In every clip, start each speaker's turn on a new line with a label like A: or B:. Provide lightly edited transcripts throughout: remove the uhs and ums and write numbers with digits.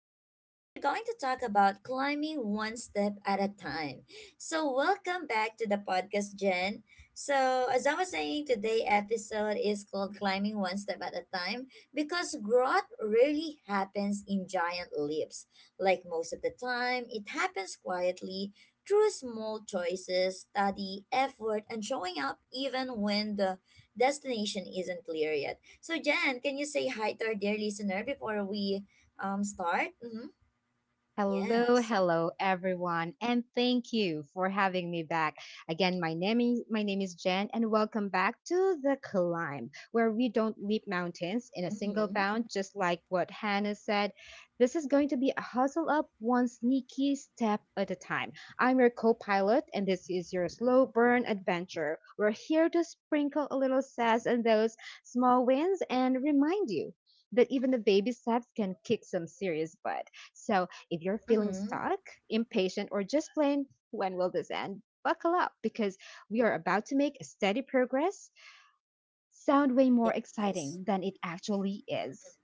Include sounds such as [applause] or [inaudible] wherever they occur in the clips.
A: So today we're going to talk about climbing one step at a time. So welcome back to the podcast, Jen. So as I was saying, today episode is called climbing one step at a time because growth rarely happens in giant leaps. Like most of the time, it happens quietly through small choices, study, effort, and showing up even when the destination isn't clear yet. So, Jan, can you say hi to our dear listener before we start? Mm-hmm.
B: Hello,
A: Yes.
B: hello everyone, and thank you for having me back. Again, my name is Jen, and welcome back to The Climb, where we don't leap mountains in a single
A: Mm-hmm.
B: bound, just like what Hannah said. This is going to be a hustle up one sneaky step at a time. I'm your co-pilot and this is your slow burn adventure. We're here to sprinkle a little sass and those small wins and remind you that even the baby steps can kick some serious butt. So if you're feeling
A: Mm-hmm.
B: stuck, impatient, or just plain, when will this end? Buckle up because we are about to make a steady progress sound way more
A: Yes.
B: exciting than it actually is.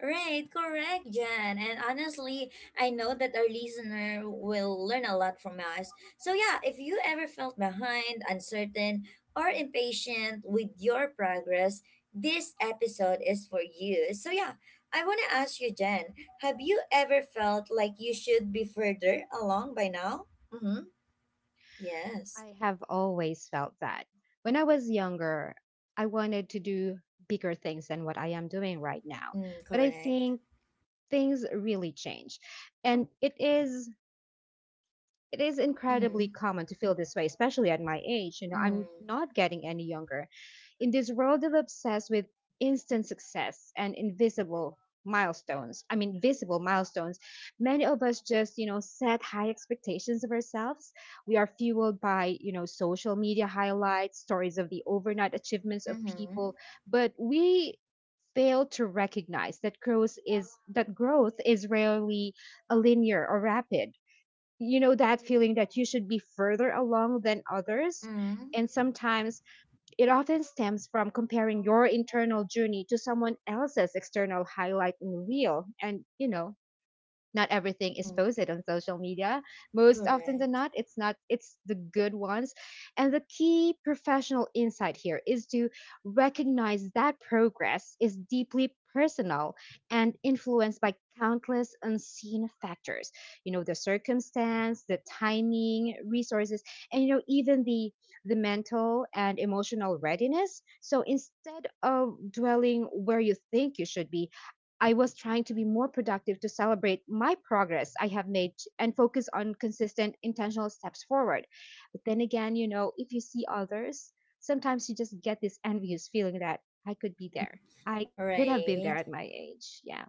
A: Right, correct, Jan. And honestly, I know that our listener will learn a lot from us. So, yeah, if you ever felt behind, uncertain, or impatient with your progress, this episode is for you. So, yeah, I want to ask you, Jan, have you ever felt like you should be further along by now? Mm-hmm. Yes.
B: I have always felt that. When I was younger, I wanted to do bigger things than what I am doing right now.
A: Mm,
B: But I
A: correct.
B: think things really change. And it is
A: Mm-hmm.
B: incredibly common to feel this way, especially at my age. You know,
A: Mm.
B: I'm not getting any younger. In this world that obsessed with instant success and invisible milestones, I mean visible milestones, many of us just, you know, set high expectations of ourselves. We are fueled by, you know, social media highlights, stories of the overnight achievements of people,
A: Mm-hmm.
B: but we fail to recognize that growth is rarely a linear or rapid. You know that feeling that you should be further along than others,
A: Mm.
B: and sometimes it often stems from comparing your internal journey to someone else's external highlight and reel. And, you know, not everything is
A: Mm.
B: posted on social media. Most often than
A: Correct.
B: not, it's the good ones. And the key professional insight here is to recognize that progress is deeply personal and influenced by countless unseen factors. You know, the circumstance, the timing, resources, and you know, even the mental and emotional readiness. So instead of dwelling where you think you should be, I was trying to be more productive to celebrate my progress I have made and focus on consistent, intentional steps forward. But then again, you know, if you see others, sometimes you just get this envious feeling that I could be there. I could have been
A: Right.
B: there at my age. Yeah.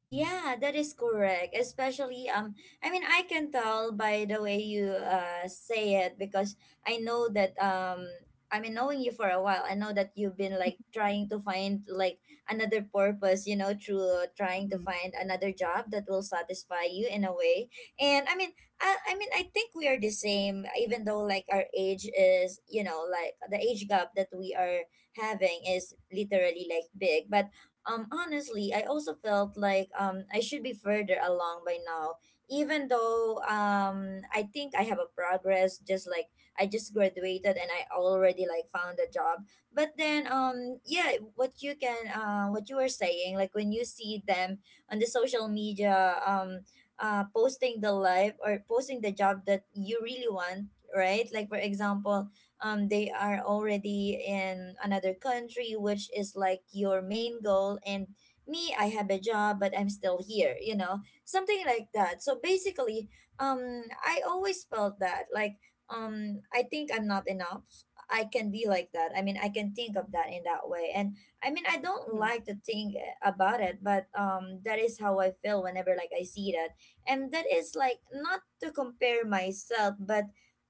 A: Yeah, that is correct. Especially, I mean, I can tell by the way you say it because I know that I mean, knowing you for a while, I know that you've been like trying to find like another purpose, through trying to
B: Mm-mm.
A: find another job that will satisfy you in a way. And I mean, I think we are the same, even though like our age is, like the age gap that we are having is literally like big, but honestly, I also felt like I should be further along by now. Even though I think I have a progress just like I just graduated and I already like found a job. But then yeah, what you were saying, like when you see them on the social media posting the life or posting the job that you really want, right? Like for example, they are already in another country, which is like your main goal. And me, I have a job, but I'm still here, something like that. So basically, I always felt that like, I think I'm not enough. I can be like that. I mean, I can think of that in that way. And I mean, I don't
B: Mm.
A: like to think about it, but that is how I feel whenever like I see that. And that is like not to compare myself, but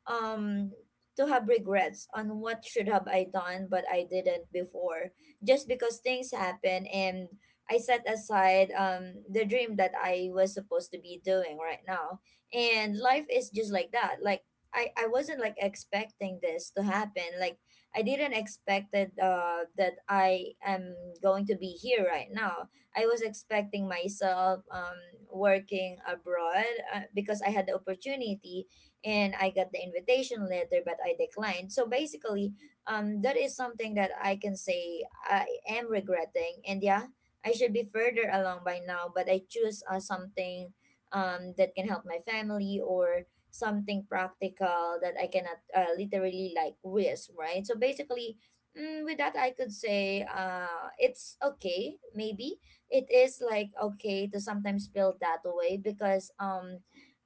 A: um to have regrets on what should have I done but I didn't before just because things happen and I set aside the dream that I was supposed to be doing right now, and life is just like that. Like I wasn't like expecting this to happen. Like I didn't expect that I am going to be here right now. I was expecting myself working abroad, because I had the opportunity and I got the invitation letter, but I declined. So basically, that is something that I can say I am regretting, and yeah, I should be further along by now, but I choose something, that can help my family or something practical that I cannot literally like risk, right? So basically, with that, I could say it's okay, maybe. It is like okay to sometimes feel that way because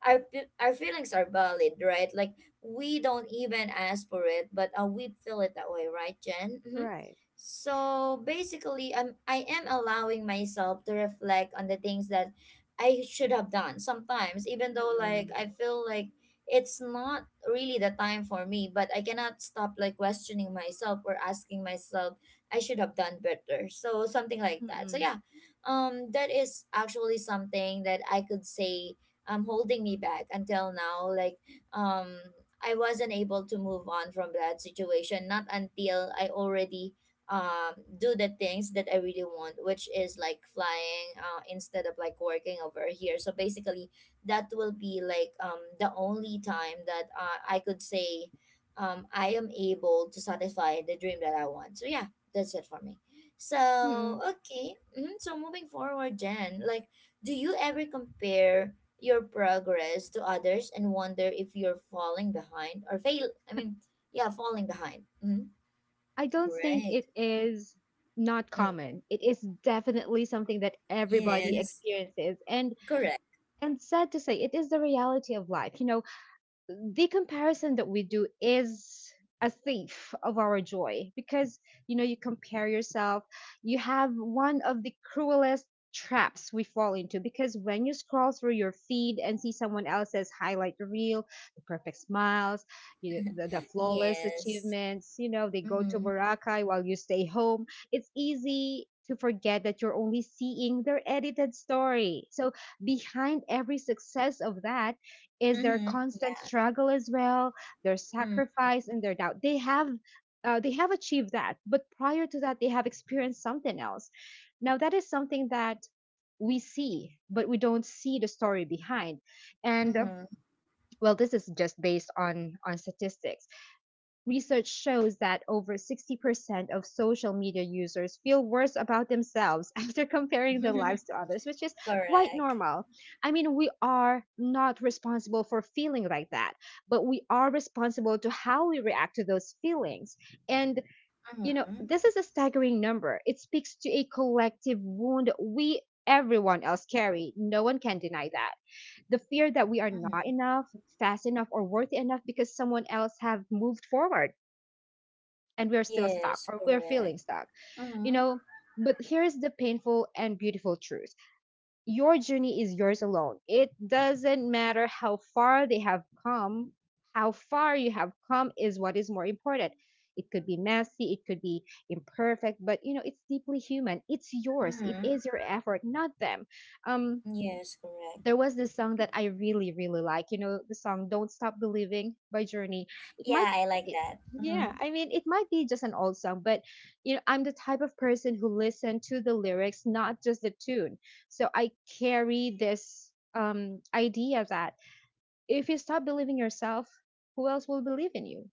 A: our feelings are valid, right? Like we don't even ask for it, but we feel it that way, right, Jen?
B: Right.
A: So basically, I am allowing myself to reflect on the things that I should have done. Sometimes, even though like
B: Mm-mm.
A: I feel like it's not really the time for me, but I cannot stop like questioning myself or asking myself I should have done better. So something like that. So
B: Mm-mm.
A: yeah, that is actually something that I could say holding me back until now, like um I wasn't able to move on from that situation not until I already um do the things that I really want, which is like flying, instead of like working over here. So basically, that will be like the only time that, I could say I am able to satisfy the dream that I want. So yeah, that's it for me. So
B: Mm-mm.
A: okay. So moving forward, Jen, like do you ever compare your progress to others and wonder if you're falling behind or fail. I mean, yeah, falling behind. Mm-hmm.
B: I don't think
A: Right.
B: it is not
A: Mm.
B: common. It is definitely something that everybody
A: Yes.
B: experiences. And
A: Correct.
B: and sad to say, it is the reality of life. You know, the comparison that we do is a thief of our joy because you know you compare yourself, you have one of the cruelest traps we fall into because when you scroll through your feed and see someone else's highlight reel, the perfect smiles, the flawless
A: Yes.
B: achievements, you know they go to
A: Mm-hmm.
B: Boracay while you stay home, it's easy to forget that you're only seeing their edited story. So behind every success of that is their
A: Mm-hmm.
B: constant struggle as well, their sacrifice and their doubt. They have achieved that, but prior to that, they have experienced something else. Now that is something that we see, but we don't see the story behind. And
A: Mm-hmm. Mm-hmm.
B: well, this is just based on statistics. Research shows that over 60% of social media users feel worse about themselves [laughs] after comparing their lives to others, which is
A: [laughs]
B: quite
A: Correct.
B: normal. I mean, we are not responsible for feeling like that, but we are responsible to how we react to those feelings. And, you know,
A: Mm-hmm.
B: this is a staggering number. It speaks to a collective wound we everyone else carry. No one can deny that the fear that we are not
A: Mm-hmm.
B: enough, fast enough, or worthy enough because someone else have moved forward and we're still stuck
A: Yes.
B: or we're
A: Correct.
B: feeling stuck. You
A: Mm-hmm.
B: know, but here's the painful and beautiful truth, your journey is yours alone. It doesn't matter how far they have come, how far you have come is what is more important. It could be messy, it could be imperfect, but you know, it's deeply human. It's yours. It
A: Mm-hmm.
B: is your effort, not them. Um,
A: Yes. Correct.
B: there was this song that I really, really like. You know, the song "Don't Stop Believing" by Journey. It might,
A: Yeah, I like
B: it,
A: that.
B: yeah,
A: Mm-hmm.
B: I mean, it might be just an old song, but you know, I'm the type of person who listen to the lyrics, not just the tune. So I carry this idea that if you stop believing yourself, who else will believe in you?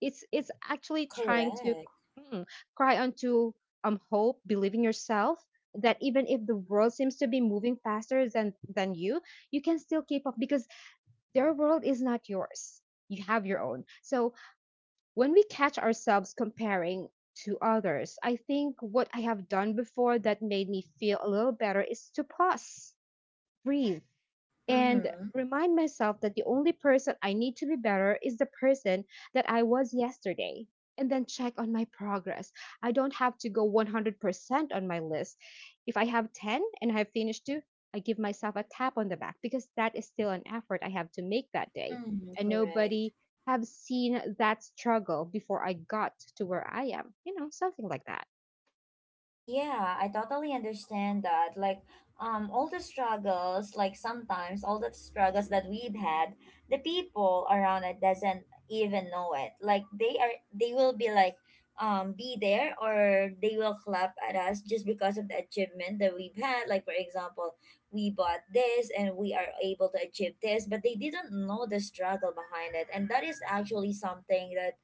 B: It's actually trying to
A: Correct.
B: mm, cry onto hope, believe in yourself, that even if the world seems to be moving faster than you, you can still keep up because their world is not yours, you have your own. So when we catch ourselves comparing to others, I think what I have done before that made me feel a little better is to pause, breathe, and
A: Mm-hmm.
B: remind myself that the only person I need to be better is the person that I was yesterday. And then check on my progress. I don't have to go 100% on my list. If I have 10 and I have finished two, I give myself a tap on the back because that is still an effort I have to make that day.
A: Mm-hmm.
B: And
A: Correct.
B: nobody have seen that struggle before I got to where I am, you know, something like that.
A: Yeah, I totally understand that. Like, all the struggles, like sometimes all the struggles that we've had, the people around it doesn't even know it. Like they will be like, be there or they will clap at us just because of the achievement that we've had. Like for example, we bought this and we are able to achieve this, but they didn't know the struggle behind it, and that is actually something that.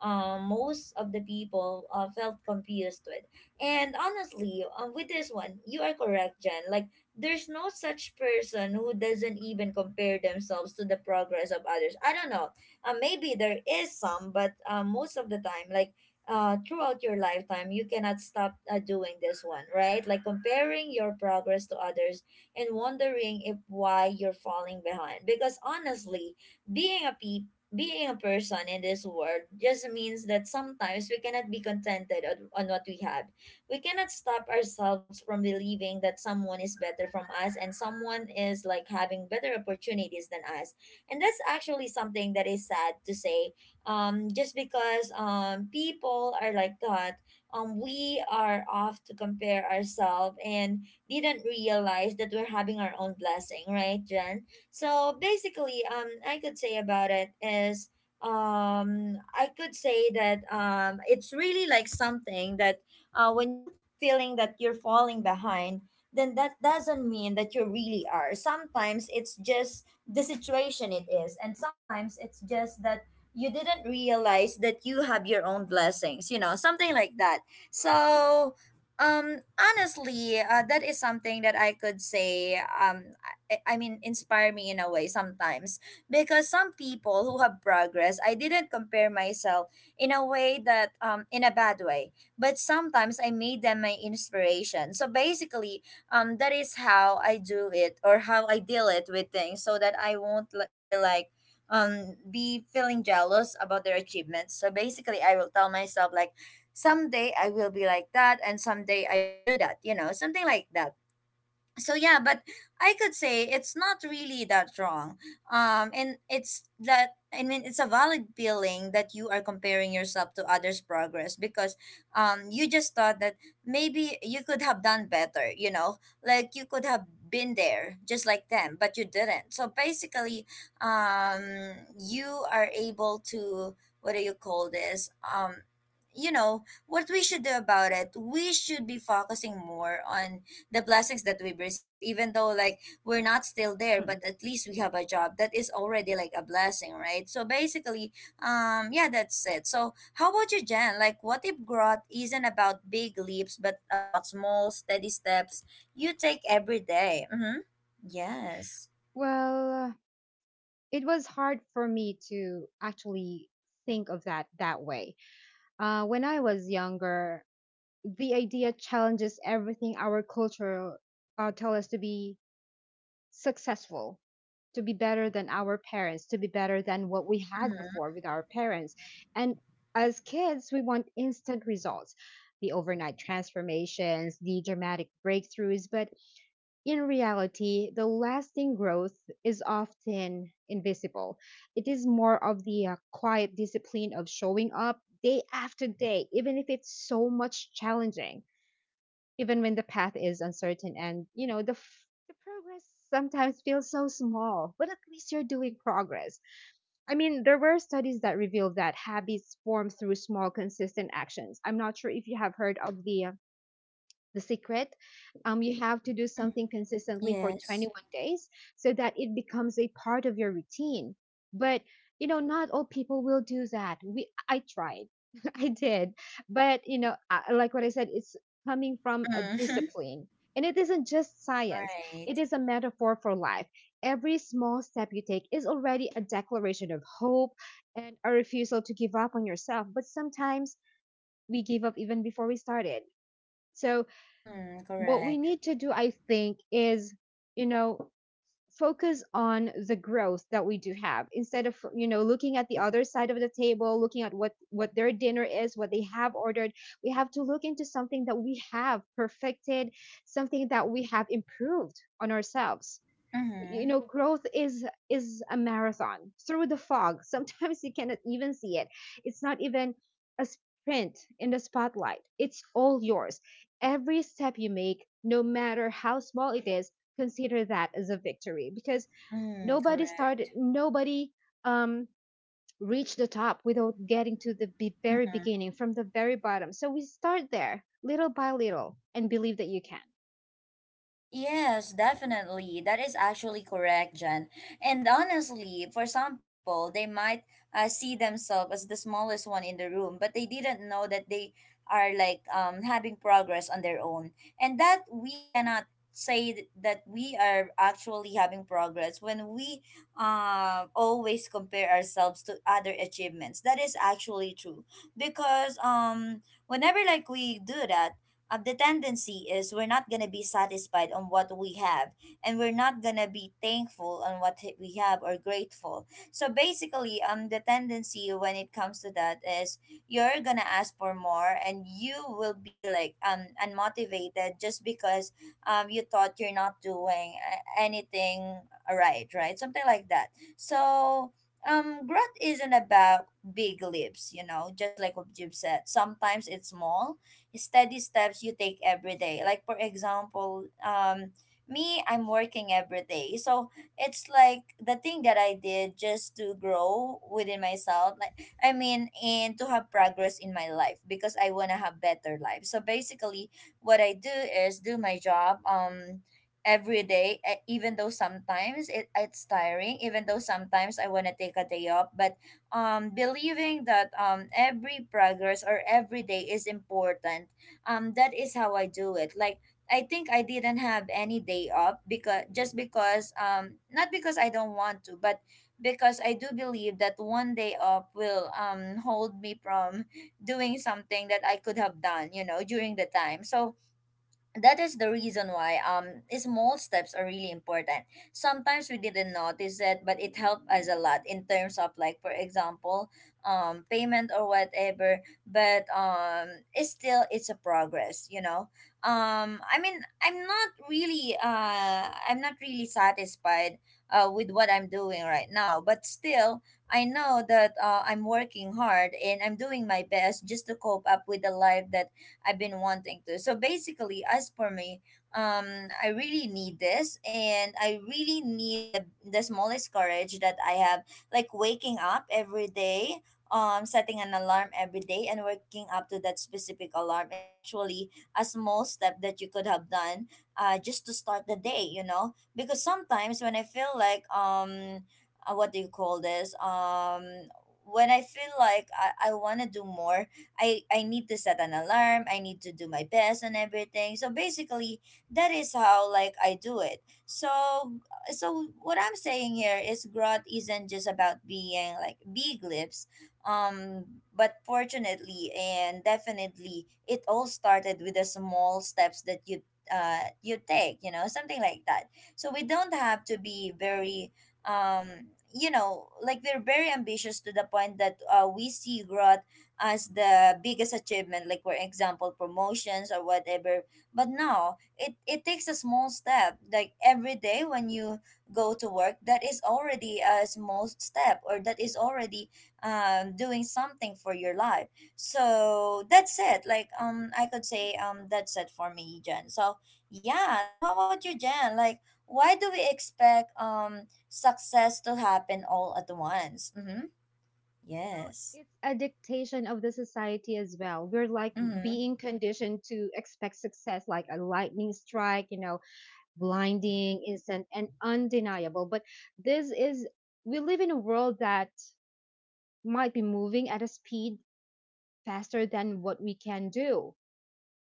A: Most of the people felt confused with, and honestly, with this one, you are correct, Jen. Like, there's no such person who doesn't even compare themselves to the progress of others. I don't know. Maybe there is some, but most of the time, like, throughout your lifetime, you cannot stop doing this one, right? Like, comparing your progress to others and wondering if why you're falling behind. Because honestly, being a pe- being a person in this world just means that sometimes we cannot be contented on what we have. We cannot stop ourselves from believing that someone is better from us and someone is like having better opportunities than us. And that's actually something that is sad to say. Just because people are like that, we are off to compare ourselves and didn't realize that we're having our own blessing, right, Jen? So basically, I could say about it is I could say that it's really like something that, when you're feeling that you're falling behind, then that doesn't mean that you really are. Sometimes it's just the situation it is, and sometimes it's just that you didn't realize that you have your own blessings, something like that. So honestly, that is something that I could say I mean inspire me in a way sometimes because some people who have progress I didn't compare myself in a way that in a bad way, but sometimes I made them my inspiration. So basically, that is how I do it or how I deal it with things so that I won't be like, be feeling jealous about their achievements. So basically, I will tell myself like, someday I will be like that, and someday I will do that. Something like that. So yeah, but I could say it's not really that wrong. And it's that I mean it's a valid feeling that you are comparing yourself to others progress because you just thought that maybe you could have done better. Like you could have been there just like them, but you didn't. So basically, um you are able to, what do you call this, you know what we should do about it, we should be focusing more on the blessings that we've received, even though like we're not still there, but
B: Mm.
A: at least we have a job that is already like a blessing, right? So basically, yeah, that's it. So how about you, Jen? Like what if growth isn't about big leaps but about small steady steps you take every day. Mm-hmm. Yes.
B: Well, it was hard for me to actually think of that that way. When I was younger, the idea challenges everything our culture tell us to be successful, to be better than our parents, to be better than what we had
A: Mm-hmm.
B: before with our parents. And as kids, we want instant results, the overnight transformations, the dramatic breakthroughs. But in reality, the lasting growth is often invisible. It is more of the quiet discipline of showing up day after day, even if it's so much challenging, even when the path is uncertain and, you know, the progress sometimes feels so small, but at least you're doing progress. I mean, there were studies that revealed that habits form through small, consistent actions. I'm not sure if you have heard of the secret, you have to do
A: Mm,
B: something consistently for
A: yes.
B: 21 days so that it becomes a part of your routine. But you know, not all people will do that. We i tried, [laughs] I did, but you know, like what I said, it's coming from a
A: Mm-hmm. [laughs]
B: discipline, and it isn't just science,
A: Right.
B: it is a metaphor for life. Every small step you take is already a declaration of hope and a refusal to give up on yourself. But sometimes we give up even before we started. So
A: Mm,
B: what we
A: correct.
B: need to do, I think, is, you know, focus on the growth that we do have instead of, you know, looking at the other side of the table, looking at what their dinner is, what they have ordered. We have to look into something that we have perfected, something that we have improved on ourselves. You
A: Mm-hmm.
B: know, growth is a marathon through the fog. [laughs] Sometimes you cannot even see it. It's not even a sprint in the spotlight, it's all yours. Every step you make, no matter how small it is, consider that as a victory because
A: Mm,
B: nobody
A: correct.
B: started,
A: Mm-hmm.
B: nobody um reached the top without getting to very beginning from the very bottom. So we start there little by little and believe that you can.
A: Yes, definitely. That is actually correct, Jen. And honestly, for some people, they might see themselves as the smallest one in the room, but they didn't know that they are like having progress on their own. And that we cannot say that we are actually having progress when we always compare ourselves to other achievements. That is actually true because whenever like we do that, the tendency is we're not going to be satisfied on what we have, and we're not going to be thankful on we have or grateful. So basically, the tendency when it comes to that is you're going to ask for more, and you will be like unmotivated just because you thought you're not doing anything right. Right, something like that. So growth isn't about big leaps, just like what you've said. Sometimes it's small steady steps you take every day. Like for example, me I'm working every day. So it's like the thing that I did just to grow within myself. And to have progress in my life because I wanna have better life. So basically what I do is do my job every day even though sometimes it's tiring, even though sometimes I want to take a day off. But believing that every progress or every day is important. That is how I do it. Like I think I didn't have any day up because just because not because I don't want to, but because I do believe that one day up will hold me from doing something that I could have done, you know, during the time. So that is the reason why small steps are really important. Sometimes we didn't notice it but it helped us a lot in terms of, like for example, payment or whatever. But it's still, it's a progress, you know. I'm not really I'm not really satisfied with what I'm doing right now, but still I know that I'm working hard and I'm doing my best just to cope up with the life that I've been wanting to. So basically, as for me, I really need this, and I really need the smallest courage that I have, like waking up every day. Setting an alarm every day and waking up to that specific alarm is actually a small step that you could have done just to start the day, you know? Because sometimes when I feel like, what do you call this? When I feel like I want to do more, I need to set an alarm. I need to do my best and everything. So basically, that is how like I do it. So what I'm saying here is growth isn't just about being like big lips. But fortunately and definitely, it all started with the small steps that you take. You know, something like that. So we don't have to be very you know, like we're very ambitious to the point that we see growth as the biggest achievement, like for example promotions or whatever. But no, it takes a small step, like every day when you go to work, that is already a small step, or that is already doing something for your life. So that's it. Like I could say that's it for me, Jen. So yeah, so how about you, Jen? Like why do we expect success to happen all at once? Mm-hmm.
B: Well,
A: Yes.
B: it's a dictation of the society as well. We're like
A: Mm-hmm.
B: being conditioned to expect success like a lightning strike, you know, blinding, instant, and undeniable. This is, we live in a world that might be moving at a speed faster than what we can do.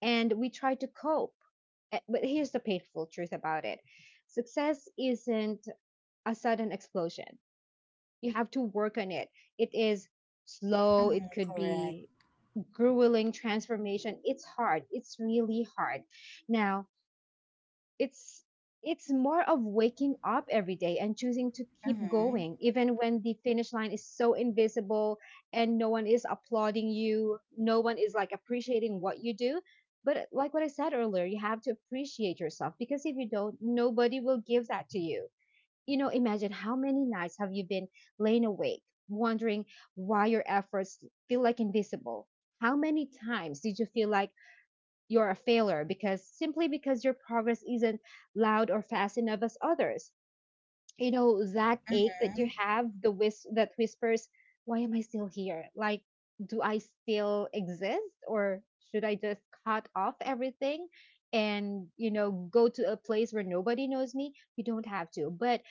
B: And we try to cope. But here's the painful truth about it, success isn't a sudden explosion. You have to work on it. It is slow,
A: Mm,
B: it could
A: correct.
B: be grueling transformation. It's hard, it's really hard. Now it's it's more of waking up every day and choosing to keep
A: Mm-hmm.
B: going even when the finish line is so invisible and no one is applauding you, no one is like appreciating what you do. But like what I said earlier, you have to appreciate yourself, because if you don't, nobody will give that to you. You know, imagine how many nights have you been laying awake, wondering why your efforts feel like invisible? How many times did you feel like you're a failure because simply because your progress isn't loud or fast enough as others? You know, that ache that
A: Mm-hmm.
B: you have, that whispers, why am I still here? Like, do I still exist or should I just cut off everything and, you know, go to a place where nobody knows me? You don't have to. But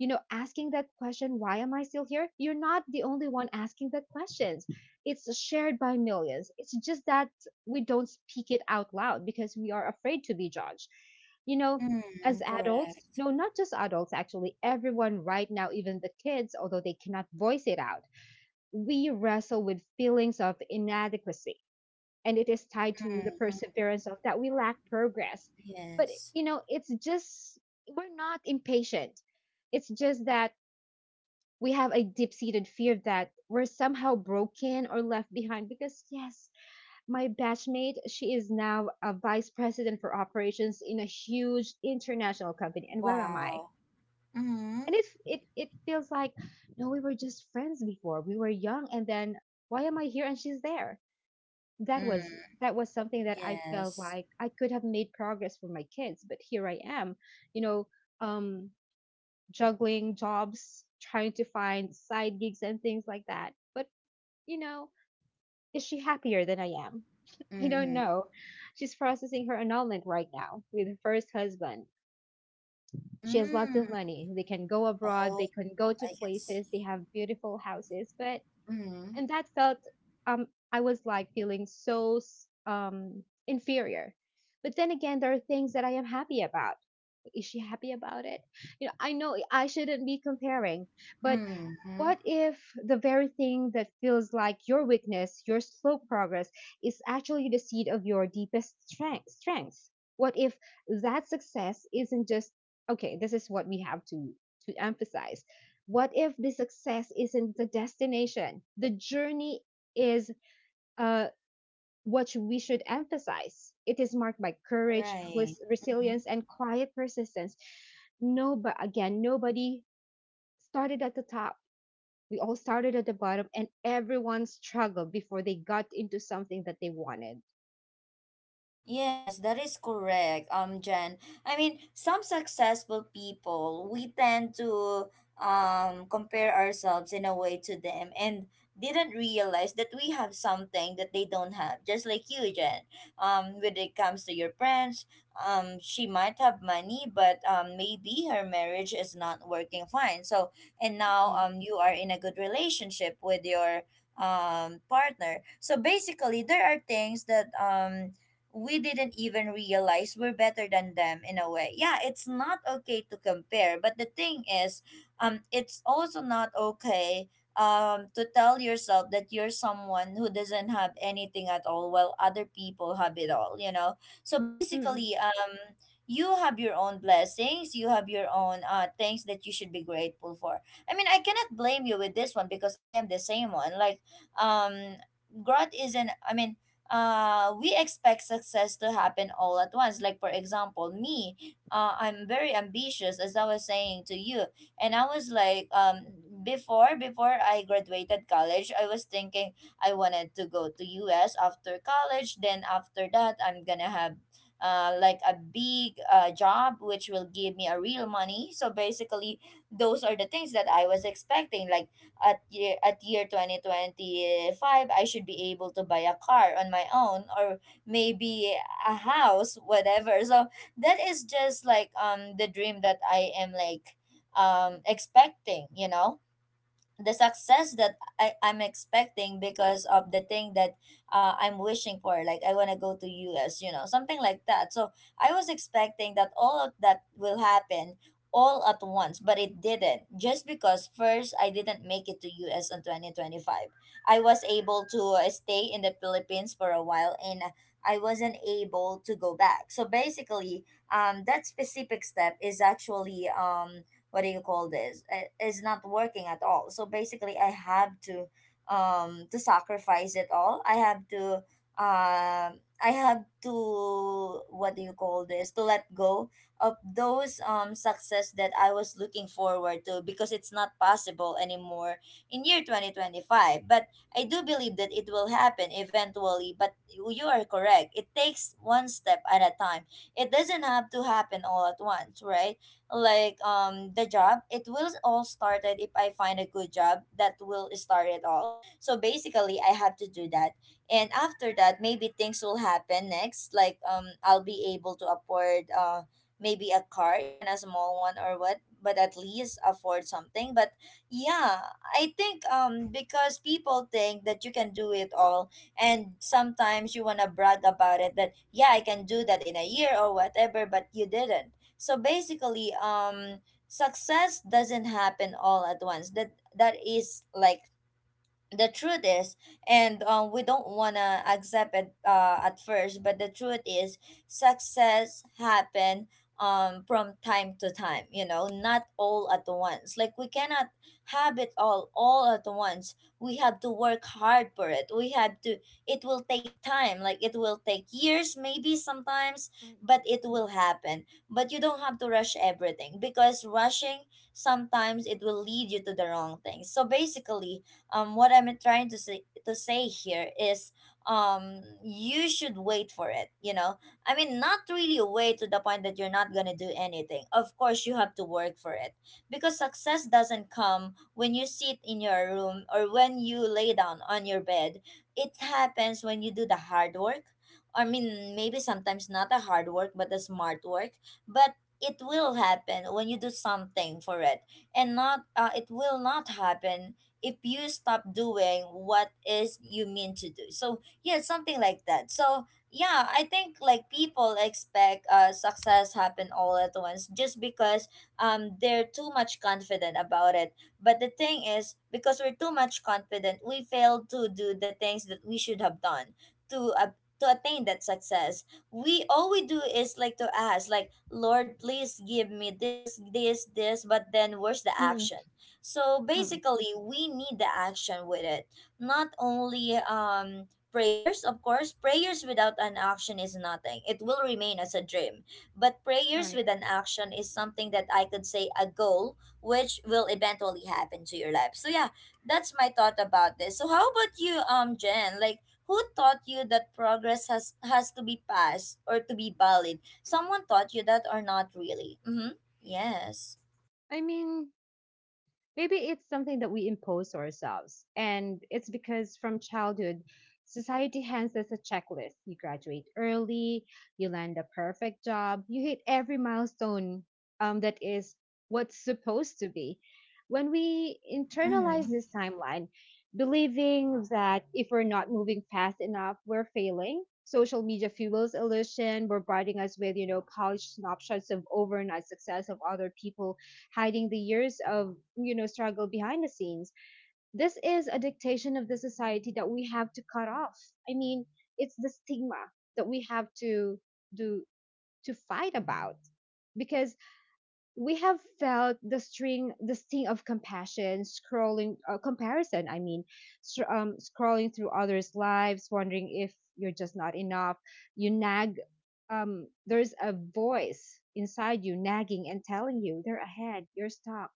B: you know, asking that question, why am I still here, you're not the only one asking that questions. It's shared by millions. It's just that we don't speak it out loud because we are afraid to be judged, you know,
A: Mm,
B: as adults.
A: correct.
B: No, not just adults, actually everyone right now, even the kids, although they cannot voice it out. We wrestle with feelings of inadequacy, and it is tied to the
A: Mm,
B: perseverance of that we lack progress. But
A: yes.
B: you know, it's just we're not impatient. It's just that we have a deep seated fear that we're somehow broken or left behind because yes, my batchmate, she is now a vice president for operations in a huge international company, and where am I?
A: Wow. Mm-hmm.
B: And it feels like, no, we were just friends before, we were young, and then why am I here and she's there? That
A: Mm,
B: was, that was something that I felt
A: yes.
B: like I could have made progress for my kids, but here I am, you know, um juggling jobs, trying to find side gigs and things like that. But, you know, is she happier than I am? [laughs] I don't
A: Mm-hmm.
B: know. She's processing her annulment right now with her first husband. She has lots of
A: Mm.
B: money. They can go abroad, they
A: Oh,
B: can go to
A: I can see.
B: places, they have beautiful houses. But,
A: Mm-hmm.
B: and that felt, um, I was like feeling so inferior. But then again, there are things that I am happy about. Is she happy about it? You know I shouldn't be comparing, but
A: Mm-hmm.
B: what if the very thing that feels like your weakness, your slow progress, is actually the seed of your deepest strength, strengths? What if that success isn't just okay? This is what we have to emphasize. What if the success isn't the destination? The journey is, uh, what we should emphasize. It is marked by courage,
A: Right. Mm-hmm.
B: resilience, and quiet persistence. No, but again, nobody started at the top. We all started at the bottom, and everyone struggled before they got into something that they wanted.
A: Yes, that is correct, Jen. I mean, some successful people, we tend to compare ourselves in a way to them and didn't realize that we have something that they don't have. Just like you, Jen. When it comes to your friends, she might have money, but maybe her marriage is not working fine. So, and now
B: Mm-mm.
A: you are in a good relationship with your partner. So basically, there are things that we didn't even realize we're better than them in a way. Yeah, it's not okay to compare, but the thing is, it's also not okay to tell yourself that you're someone who doesn't have anything at all while other people have it all, you know. So
B: Mm-mm.
A: basically, you have your own blessings, you have your own things that you should be grateful for. I mean, I cannot blame you with this one because I am the same one. Um Growth isn't, we expect success to happen all at once. Like, for example, me, I'm very ambitious, as I was saying to you. And I was like, before I graduated college, I was thinking I wanted to go to US after college. Then after that, I'm gonna have like a big job which will give me a real money. So basically those are the things that I was expecting. Like at year 2025 I should be able to buy a car on my own, or maybe a house, whatever. So that is just like the dream that I am like expecting, you know, the success that I'm expecting, because of the thing that I'm wishing for. Like I wanna go to US, you know, something like that. So I was expecting that all of that will happen all at once, but it didn't. Just because first I didn't make it to US in 2025. I was able to stay in the Philippines for a while and I wasn't able to go back. So basically, that specific step is actually what do you call this, is not working at all. So basically I have to sacrifice it all. I have to um i have to what do you call this, to let go of those success that I was looking forward to, because it's not possible anymore in year 2025. But I do believe that it will happen eventually. But you are correct, it takes one step at a time. It doesn't have to happen all at once, right? Like the job, it will all started. If I find a good job, that will start it all. So basically I have to do that, and after that maybe things will happen next, like I'll be able to afford maybe a car, even a small one or what, but at least afford something. But yeah, I think because people think that you can do it all, and sometimes you want to brag about it, that yeah, I can do that in a year or whatever, but you didn't. So basically, success doesn't happen all at once. That is like the truth is, and we don't want to accept it at first, but the truth is success happen, from time to time, you know, not all at once. Like we cannot have it all at once, we have to work hard for it, we have to, it will take time, like it will take years maybe sometimes, but
B: Mm-mm.
A: it will happen. But you don't have to rush everything, because rushing sometimes it will lead you to the wrong thing. So basically, what I'm trying to say here is you should wait for it, you know, I mean not really wait to the point that you're not gonna do anything. Of course you have to work for it, because success doesn't come when you sit in your room or when you lay down on your bed. It happens when you do the hard work. I mean, maybe sometimes not the hard work but the smart work. But it will happen when you do something for it, and not it will not happen if you stop doing what is you mean to do. So yeah, something like that. So yeah, I think like people expect success happen all at once just because they're too much confident about it. But the thing is, because we're too much confident, we fail to do the things that we should have done to uh, to attain that success. We all we do is like to ask, like, Lord, please give me this, this, this, but then where's the
B: Mm-mm.
A: action? So
B: Mm.
A: basically, we need the action with it. Not only prayers. Of course, prayers without an action is nothing, it will remain as a dream. But prayers
B: Right.
A: with an action is something that I could say a goal which will eventually happen to your life. So yeah, that's my thought about this. So how about you, Jen? Like who taught you that progress has to be passed or to be valid? Someone taught you that or not really? Mm-hmm. Yes.
B: I mean, maybe it's something that we impose to ourselves. And it's because from childhood, society hands us a checklist. You graduate early, you land a perfect job, you hit every milestone, that is what's supposed to be. When we internalize
A: Mm-hmm.
B: this timeline, believing that if we're not moving fast enough, we're failing. Social media fuels illusion, bombarding us with, you know, polished snapshots of overnight success of other people, hiding the years of, you know, struggle behind the scenes. This is a dictation of the society that we have to cut off. I mean, it's the stigma that we have to do, to fight about, because we have felt the string, the sting of compassion scrolling, comparison, I mean, scrolling through others lives, wondering if you're just not enough. You nag There's a voice inside you nagging and telling you they're ahead, you're stuck.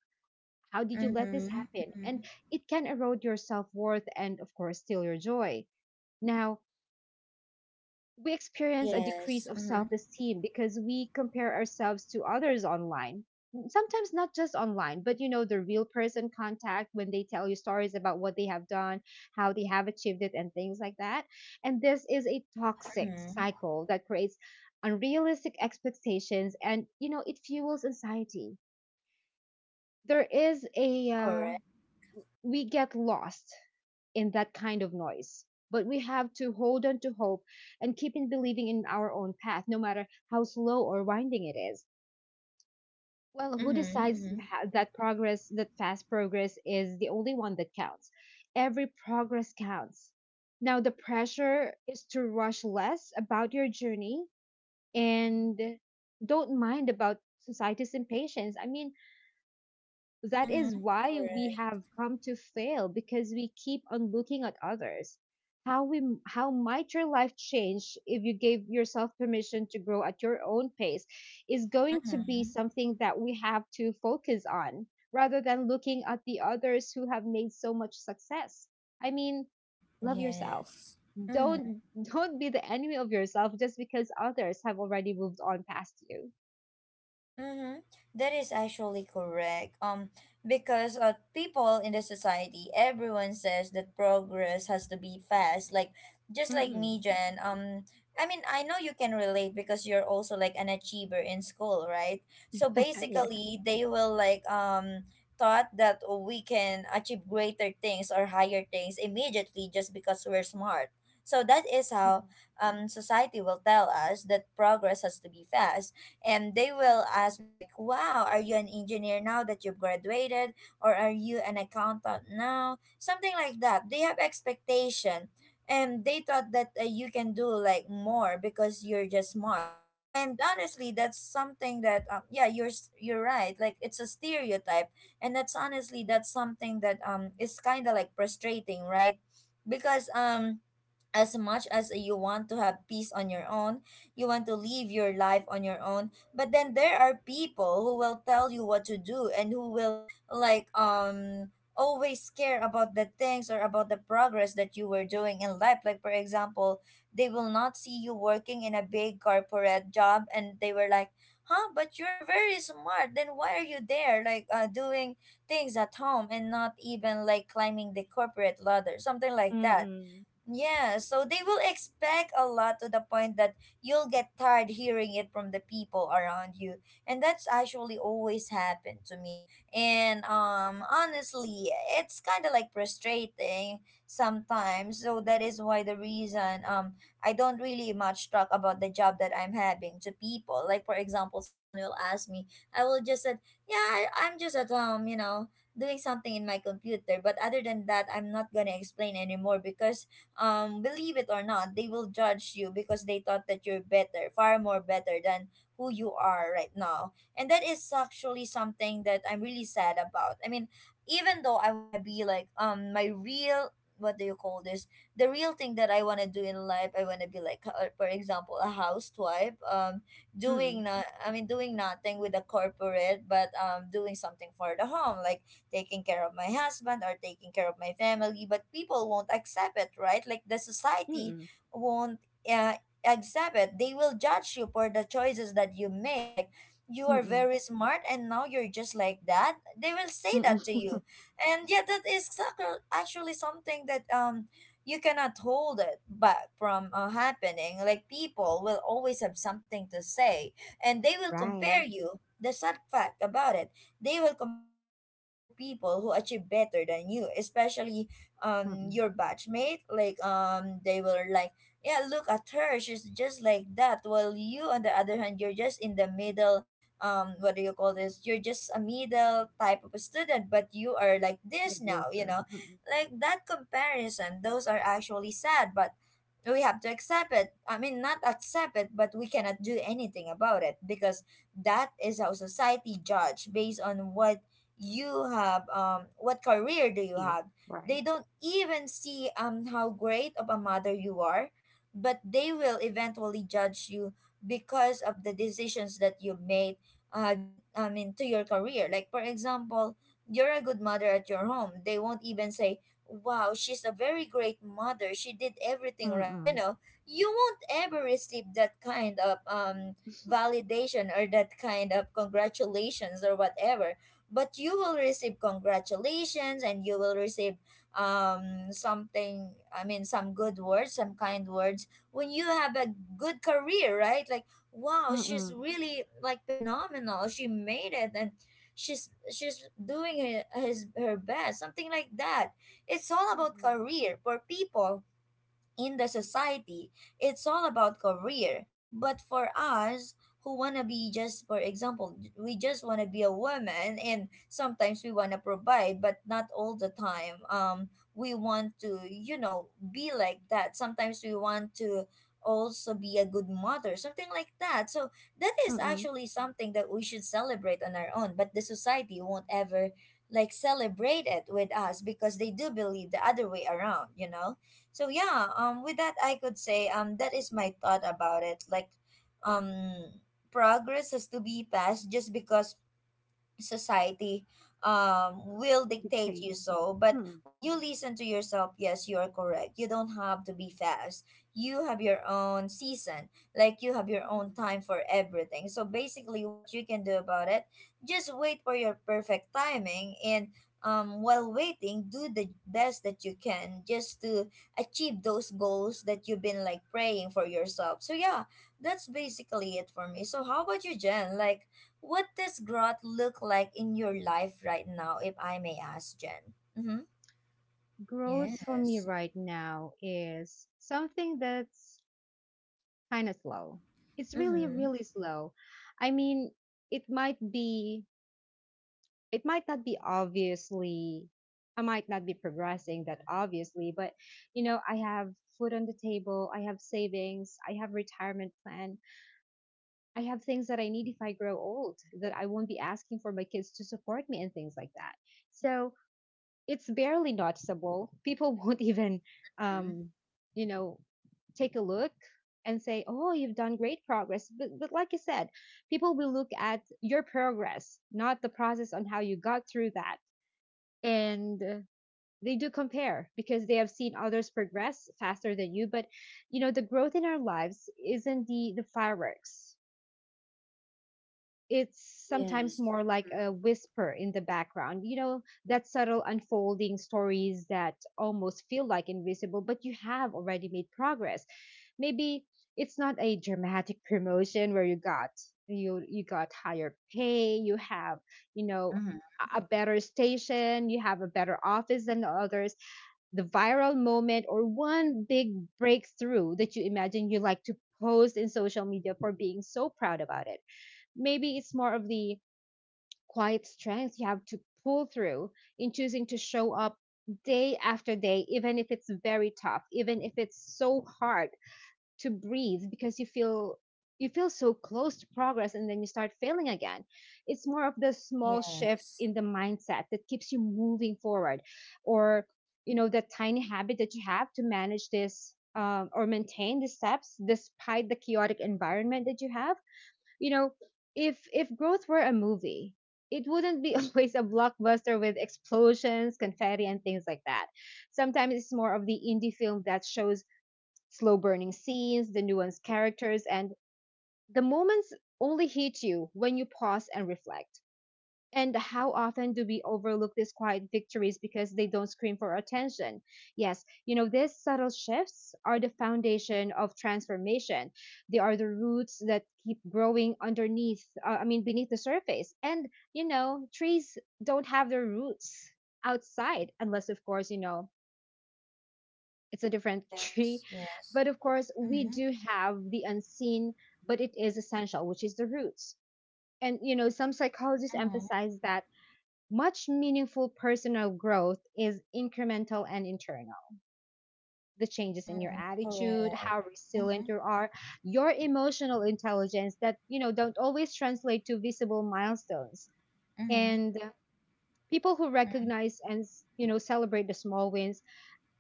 B: How did you let this
A: Mm-hmm.
B: happen?
A: Mm-hmm.
B: And it can erode your self worth and, of course, steal your joy. Now, we experience a decrease
A: Yes.
B: of
A: Mm-hmm.
B: self esteem because we compare ourselves to others online. Sometimes not just online, but you know, the real person contact when they tell you stories about what they have done, how they have achieved it, and things like that. And this is a toxic
A: Mm-hmm.
B: cycle that creates unrealistic expectations and, you know, it fuels anxiety. There is a
A: Correct.
B: We get lost in that kind of noise. But we have to hold on to hope and keep in believing in our own path, no matter how slow or winding it is. Well, who
A: Mm-hmm.
B: decides
A: Mm-hmm.
B: that progress, that fast progress is the only one that counts? Every progress counts. Now, the pressure is to rush less about your journey and don't mind about society's impatience. I mean, that
A: Mm-hmm.
B: is why we
A: Correct.
B: have come to fail because we keep on looking at others, how we how might your life change if you gave yourself permission to grow at your own pace is going to be
A: Mm-hmm.
B: something that we have to focus on, rather than looking at the others who have made so much success. I mean, love yourself.
A: Yes. Mm-hmm.
B: Don't [laughs] don't be the enemy of yourself just because others have already moved on past you.
A: Mm-hmm. That is actually correct. Because people in the society, everyone says that progress has to be fast. Like, just like me,
B: Mm-mm.
A: Jen. I mean, I know you can relate because you're also like an achiever in school, right? So
B: [laughs] Yeah.
A: basically, they will like thought that we can achieve greater things or higher things immediately just because we're smart. So that is how
B: Mm-mm.
A: society will tell us that progress has to be fast, and they will ask me like, "Wow, are you an engineer now that you've graduated, or are you an accountant now?" Something like that. They have expectation, and they thought that you can do like more because you're just smart. And honestly, that's something that yeah, you're you're right, like, it's a stereotype. And that's honestly that's something that is kind of like frustrating, right? Because as much as you want to have peace on your own, you want to live your life on your own, but then there are people who will tell you what to do and who will like always care about the things or about the progress that you were doing in life. Like for example, they will not see you working in a big corporate job and they were like, "Huh, but you're very smart. Then why are you there like doing things at home and not even like climbing the corporate ladder?" Something like that.
B: Mm-mm.
A: Yeah, so they will expect a lot, to the point that you'll get tired hearing it from the people around you. And that's actually always happened to me. And honestly, it's kind of like frustrating sometimes. So that is why the reason I don't really much talk about the job that I'm having to people. Like for example, someone will ask me, I will just said, "Yeah, I'm just at home, doing something in my computer." But other than that, I'm not going to explain anymore because believe it or not, they will judge you because they thought that you're better, far more better than who you are right now. And that is actually something that I'm really sad about. I mean, even though I want to be like my real, what do you call this? The real thing that I want to do in life, I want to be like for example, a housewife, doing, not, I mean, doing nothing with the corporate, but doing something for the home, like taking care of my husband or taking care of my family, but people won't accept it, right? Like the society
B: Mm.
A: won't uh, accept it. They will judge you for the choices that you made. Like, you are
B: Mm-mm.
A: very smart and now you're just like that. They will say
B: Mm-mm.
A: that to you.
B: [laughs]
A: And yeah, that is actually something that you cannot hold it back from happening. Like people will always have something to say and they will compare
B: Right.
A: you. The sad fact about it, they will compare you to other people who achieve better than you, especially
B: Mm-mm.
A: your batchmate. Like they will like, yeah, look at her, she's just like that. While you on the other hand, you're just in the middle, what do you call this? You're just a middle type of a student, but you are like this now, you
B: Mediocre.
A: know?
B: Mm-mm.
A: Like that comparison, those are actually sad, but we have to accept it. I mean, not accept it, but we cannot do anything about it because that is how society judge, based on what you have, what career do you
B: Achieve.
A: have. They
B: Right.
A: don't even see how great of a mother you are, but they will eventually judge you because of the decisions that you made due, I mean, to your career. Like for example, you're a good mother at your home, they won't even say, "Wow, she's a very great mother, she did everything right," you
B: Mm-mm.
A: know. You won't ever receive that kind of validation, or that kind of congratulations or whatever, but you will receive congratulations and you will receive something, I mean, some good words, some kind words, when you have a good career, right? Like, "Wow, she's
B: Mm-mm.
A: really like phenomenal, she made it, and she's doing her, his, her best," something like that. It's all about
B: Mm-mm.
A: career for people in the society, it's all about career. But for us who wanna be, just for example, we just wanna be a woman and sometimes we wanna provide, but not all the time. We want to, you know, be like that. Sometimes we want to also be a good mother, something like that. So that is
B: Mm-mm.
A: actually something that we should celebrate on our own, but the society won't ever like celebrate it with us because they do believe the other way around, you know? So yeah, with that, I could say that is my thought about it. Like, um, progress has to be passed just because society will dictate
B: Dictate.
A: you so. But
B: Mm-mm.
A: when you listen to yourself, yes, you are correct, you don't have to be fast. You have your own season, like you have your own
B: Mm-mm.
A: time for everything. So basically, what you can do about it, just wait for your perfect timing, and while waiting, do the best that you can just to achieve those goals that you've been like praying for yourself. So yeah, that's basically it for me. So how about you, Jen? Like, what does growth look like in your life right now, if I may ask, Jen? Mm-hmm.
B: Growth for me
A: Yes.
B: right now is something that's kind of slow. It's really,
A: Mm-hmm.
B: really slow. I mean, it might be, it might not be obviously, I might not be progressing that obviously, but you know, I have food on the table, I have savings, I have retirement plan, I have things that I need if I grow old, that I won't be asking for my kids to support me and things like that. So it's barely noticeable. People [laughs] won't even,
A: Mhm.
B: um you know, take a look and say, oh, you've done great progress, but like you said, people will look at your progress, not the process on how you got through that. And they do compare because they have seen others progress faster than you, but you know, the growth in our lives isn't the fireworks. It's sometimes
A: Yes.
B: more like a whisper in the background, you know, that subtle unfolding stories that almost feel like invisible, but you have already made progress. Maybe it's not a dramatic promotion where you got, you got higher pay, you have, you know, a
A: Mhm. Mhm.
B: a better station, you have a better office than the others, the viral moment or one big breakthrough that you imagine you like to post in social media for being so proud about it. Maybe it's more of the quiet strength you have to pull through in choosing to show up day after day, even if it's very tough, even if it's so hard to breathe because you feel, you feel so close to progress and then you start failing again. It's more of the small shift
A: Yes.
B: in the mindset that keeps you moving forward, or you know, the tiny habit that you have to manage this, or maintain the steps despite the chaotic environment that you have. You know, if growth were a movie, it wouldn't be [laughs] always a blockbuster with explosions, confetti, and things like that. Sometimes it's more of the indie film that shows slow burning scenes, the nuanced characters, and the moments only hit you when you pause and reflect. And how often do we overlook these quiet victories because they don't scream for attention? Yes, you know, these subtle shifts are the foundation of transformation. They are the roots that keep growing underneath, I mean, beneath the surface. And, you know, trees don't have their roots outside unless, of course, you know, it's a different [laughs] tree.
A: Yes. Yes.
B: But of course, we
A: Mm-hmm.
B: do have the unseen, but it is essential, which is the roots. And, you know, some psychologists
A: Mm-hmm.
B: emphasize that much meaningful personal growth is incremental and internal. The changes
A: Mm,
B: in your attitude,
A: correct.
B: how resilient
A: Mm-hmm.
B: you are, your emotional intelligence that, you know, don't always translate to visible milestones.
A: Mm-hmm.
B: And people who
A: Mm-hmm.
B: recognize and, you know, celebrate the small wins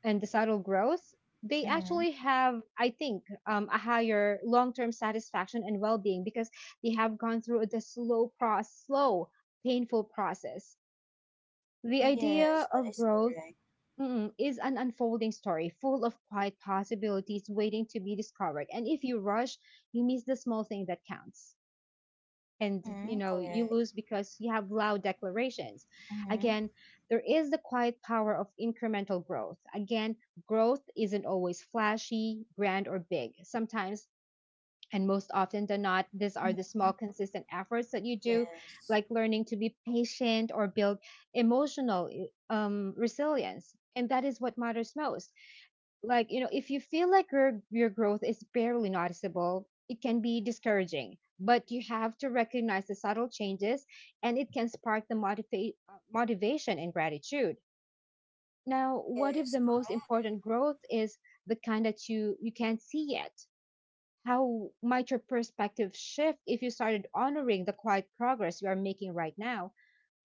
B: and the subtle growth, they
A: Mm-hmm.
B: actually have, I think, a higher long term satisfaction and well being because they have gone through the slow, process, slow, painful process. The
A: Yes,
B: idea
A: that
B: of
A: is
B: growth,
A: correct.
B: mm, is an unfolding story full of quiet possibilities waiting to be discovered. And if you rush, you miss the small thing that counts, and you
A: Mm-hmm.
B: know, you
A: Correct.
B: lose because you have loud declarations.
A: Mm-hmm.
B: Again, there is the quiet power of incremental growth. Again, growth isn't always flashy, grand, or big sometimes, and most often than not, these are
A: Mm-hmm.
B: the small consistent efforts that you do,
A: Yes.
B: like learning to be patient or build emotional resilience, and that is what matters most. Like, you know, if you feel like your growth is barely noticeable, it can be discouraging, but you have to recognize the subtle changes, and it can spark the motivation and gratitude. Now, what if the
A: Yes.
B: most important growth is the kind that you can't see yet? How might your perspective shift if you started honoring the quiet progress you are making right now?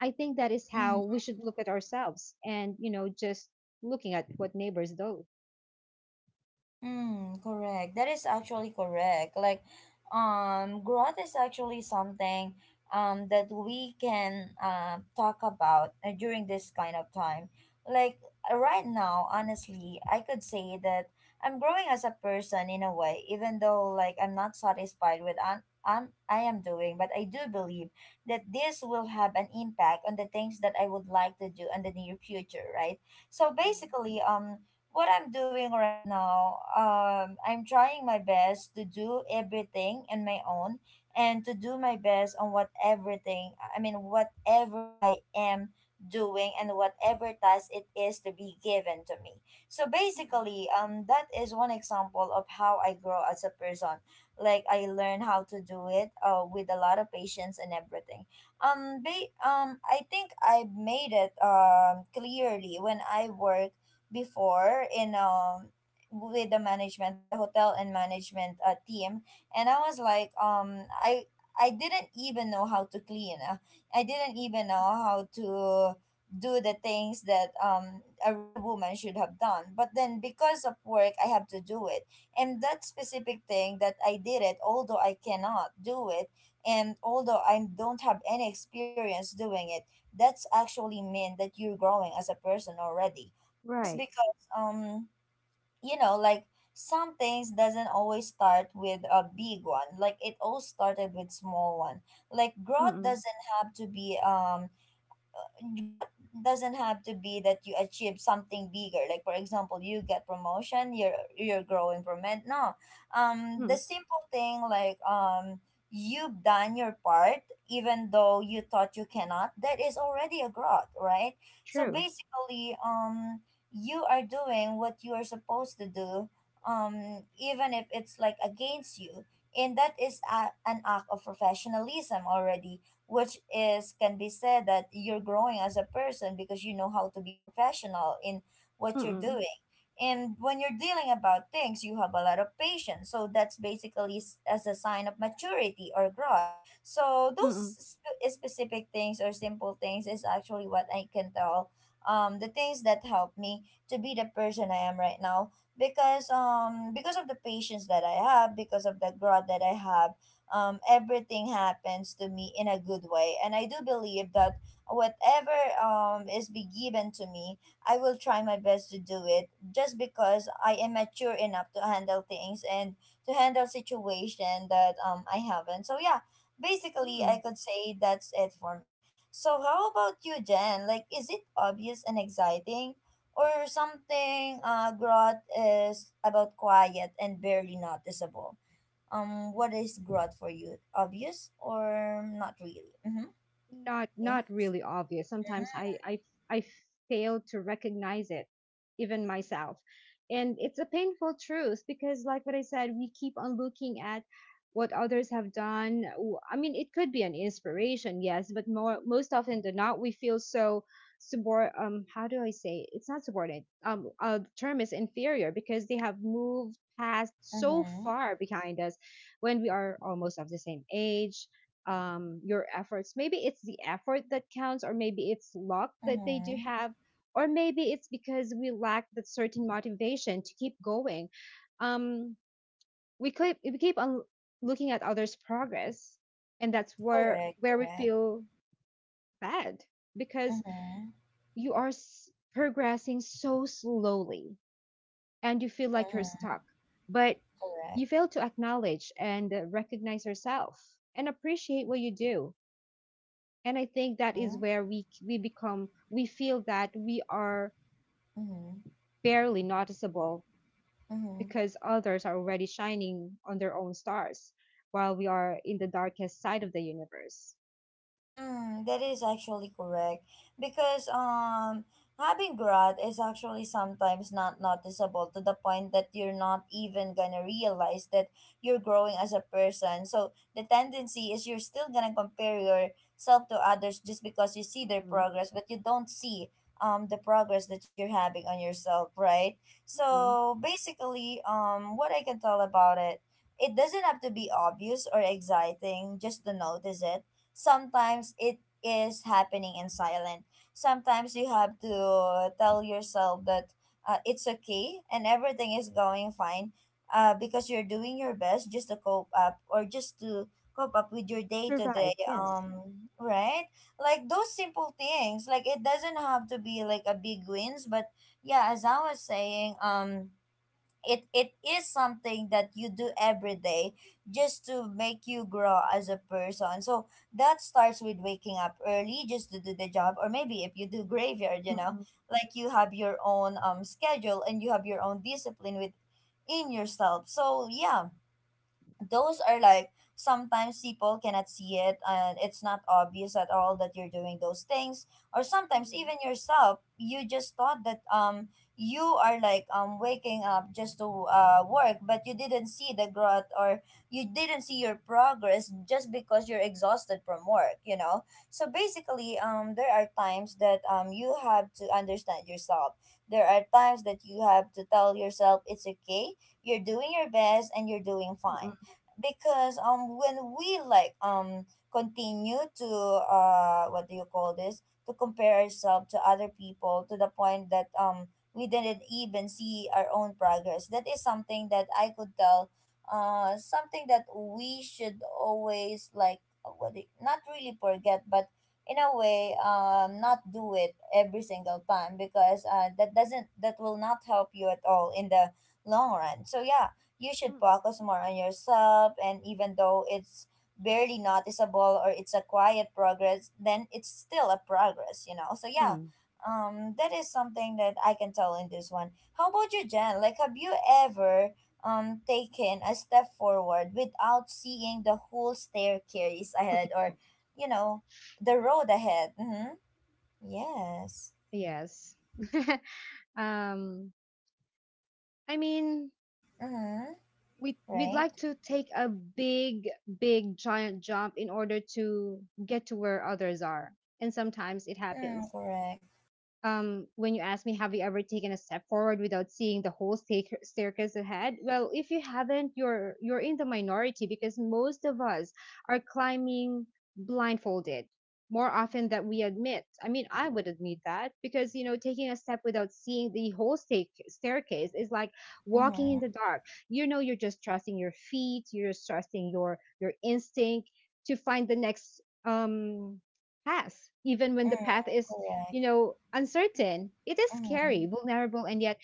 B: I think that is how we
A: Mm-hmm.
B: should look at ourselves, and you know, just looking at what neighbors do.
A: Mm, correct. That is actually correct. Like, growth is actually something that we can talk about during this kind of time. Like, right
B: Mm-mm,
A: now, honestly, I could say that I'm growing as a person in a way, even though like I'm not satisfied with I'm, I am doing, but I do believe that this will have an impact on the things that I would like to do in the near future, right? So
B: mm-mm,
A: basically, what I'm doing right now, I'm trying my best to do everything on my own and to do my best on what everything, I mean, whatever I am doing and whatever task it is to be given to me. So
B: mm-mm.
A: basically, that is one example of how I grow as a person. Like I learn how to do it, with a lot of patience and everything. I think I made it, clearly when I work before in with the management, with the hotel and management team, and I was like I didn't even know how to clean. I didn't even know how to do the things that a real woman should have done, but then because of work, I have to do it. And that specific thing that I did it, although I cannot do it, and although I don't have any experience doing it, that's actually mean that you're growing as a person already, just
B: Right.
A: because, you know, like, some things doesn't always start with a big one, like it all started with small one. Like growth
B: Mm,
A: doesn't have to be growth doesn't have to be that you achieve something bigger. Like for example, you get promotion, you're growing from it. No,
B: mm.
A: the simple thing, like, you've done your part, even though you thought you cannot, that is already a growth, right? So
B: True.
A: basically, you are doing what you are supposed to do, even if it's like against you, and that is a, an act of professionalism already, which is can be said that you're growing as a person because you know how to be professional in
B: Mm,
A: what you're
B: mm.
A: doing. And when you're dealing about things, you have a lot of patience, so that's basically as a sign of maturity or growth. So those
B: Mm,
A: specific things or simple things is actually what I can tell, the things that help me to be the person I am right now, because of the patience that I have, because of the growth that I have, everything happens to me in a good way. And I do believe that whatever is be given to me, I will try my best to do it, just because I am mature enough to handle things and to handle situation that I haven't. So yeah, basically
B: mm.
A: I could say that's it for me. So how about you, Jen? Like, is it obvious and exciting? Or something, growth is about quiet and barely noticeable? What is growth for you, obvious or not really? Mm-hmm.
B: Not
A: Yeah.
B: not really obvious. Sometimes I i fail to recognize it, even myself. And it's a painful truth because like what I said, we keep on looking at what others have done. I mean, it could be an inspiration, yes, but more, most often than not, we feel so subor how do I say it? It's not subordinate, the term is inferior because they have moved past so
A: Mm-hmm.
B: far behind us when we are almost of the same age. Your efforts. Maybe it's the effort that counts, or maybe it's luck that they do
A: Mm-hmm.
B: have, or maybe it's because we lack that certain motivation to keep going. Um, we keep on looking at others' progress, and that's where
A: Correct,
B: where we
A: correct.
B: feel bad because
A: Mm-hmm.
B: progressing so slowly, and you feel like you're
A: Mm-hmm.
B: stuck, but you
A: Correct.
B: fail to acknowledge and recognize yourself and appreciate what you do. And I think that is
A: Mm-hmm.
B: where we feel that we are
A: Mm-hmm.
B: barely noticeable
A: Mm-hmm.
B: because others are already shining on their own stars while we are in the darkest side of the universe.
A: Mm, that is actually correct, because having growth is actually sometimes not noticeable, to the point that you're not even gonna realize that you're growing as a person. So the tendency is you're still gonna compare yourself to others just because you see their
B: Mm-mm,
A: progress, but you don't see the progress that you're having on yourself, right?
B: mm-mm.
A: So basically, what I can tell about it, it doesn't have to be obvious or exciting just to notice it. Sometimes it is happening in silent. Sometimes you have to tell yourself that it's okay and everything is going fine because you're doing your best just to cope up or just to cope up with your day to day
B: Survive, yes.
A: right, like those simple things. Like it doesn't have to be like a big wins, but yeah, as I was saying, it is something that you do every day just to make you grow as a person. So that starts with waking up early just to do the job, or maybe if you do graveyard, you know,
B: Mm-mm.
A: like you have your own schedule and you have your own discipline with in yourself, so yeah. Those are like sometimes people cannot see it, and it's not obvious at all that you're doing those things. Or sometimes
B: Mm-mm,
A: even yourself, you just thought that you are like waking up just to work, but you didn't see the growth or you didn't see your progress just because you're exhausted from work, you know. So basically, there are times that you have to understand yourself. There are times that you have to tell yourself it's okay, you're doing your best and you're doing
B: mm-mm,
A: fine. Because when we like continue to what do you call this, to compare ourselves to other people to the point that we didn't even see our own progress, that is something that I could tell, something that we should always like, what do you- not really forget, but in a way not do it every single time, because that will not help you at all in the long run, so yeah. You should
B: mm-mm.
A: focus more on yourself, and even though it's barely noticeable or it's a quiet progress, then it's still a progress, you know, so yeah.
B: Hmm.
A: That is something that I can tell in this one. How about you, Jen? Like have you ever taken a step forward without seeing the whole staircase ahead, or you know, the road ahead? Mm-hmm. Yes.
B: Yes. [laughs] um, I mean,
A: Mm-hmm.
B: we'd
A: Right.
B: like to take a big, big, giant jump in order to get to where others are, and sometimes it
A: Mm,
B: happens.
A: correct.
B: Um, when you ask me, have you ever taken a step forward without seeing the whole staircase ahead? Well, if you haven't, you're in the minority because most of us are climbing blindfolded more often than we admit. I mean, I would admit that because taking a step without seeing the whole staircase is like walking in the
A: Mm-hmm.
B: dark. You know, you're just trusting your feet, you're just trusting your instinct to find the next path, even when the
A: Mm,
B: path is,
A: correct.
B: you know, uncertain. It is scary,
A: Mm-hmm.
B: vulnerable, and yet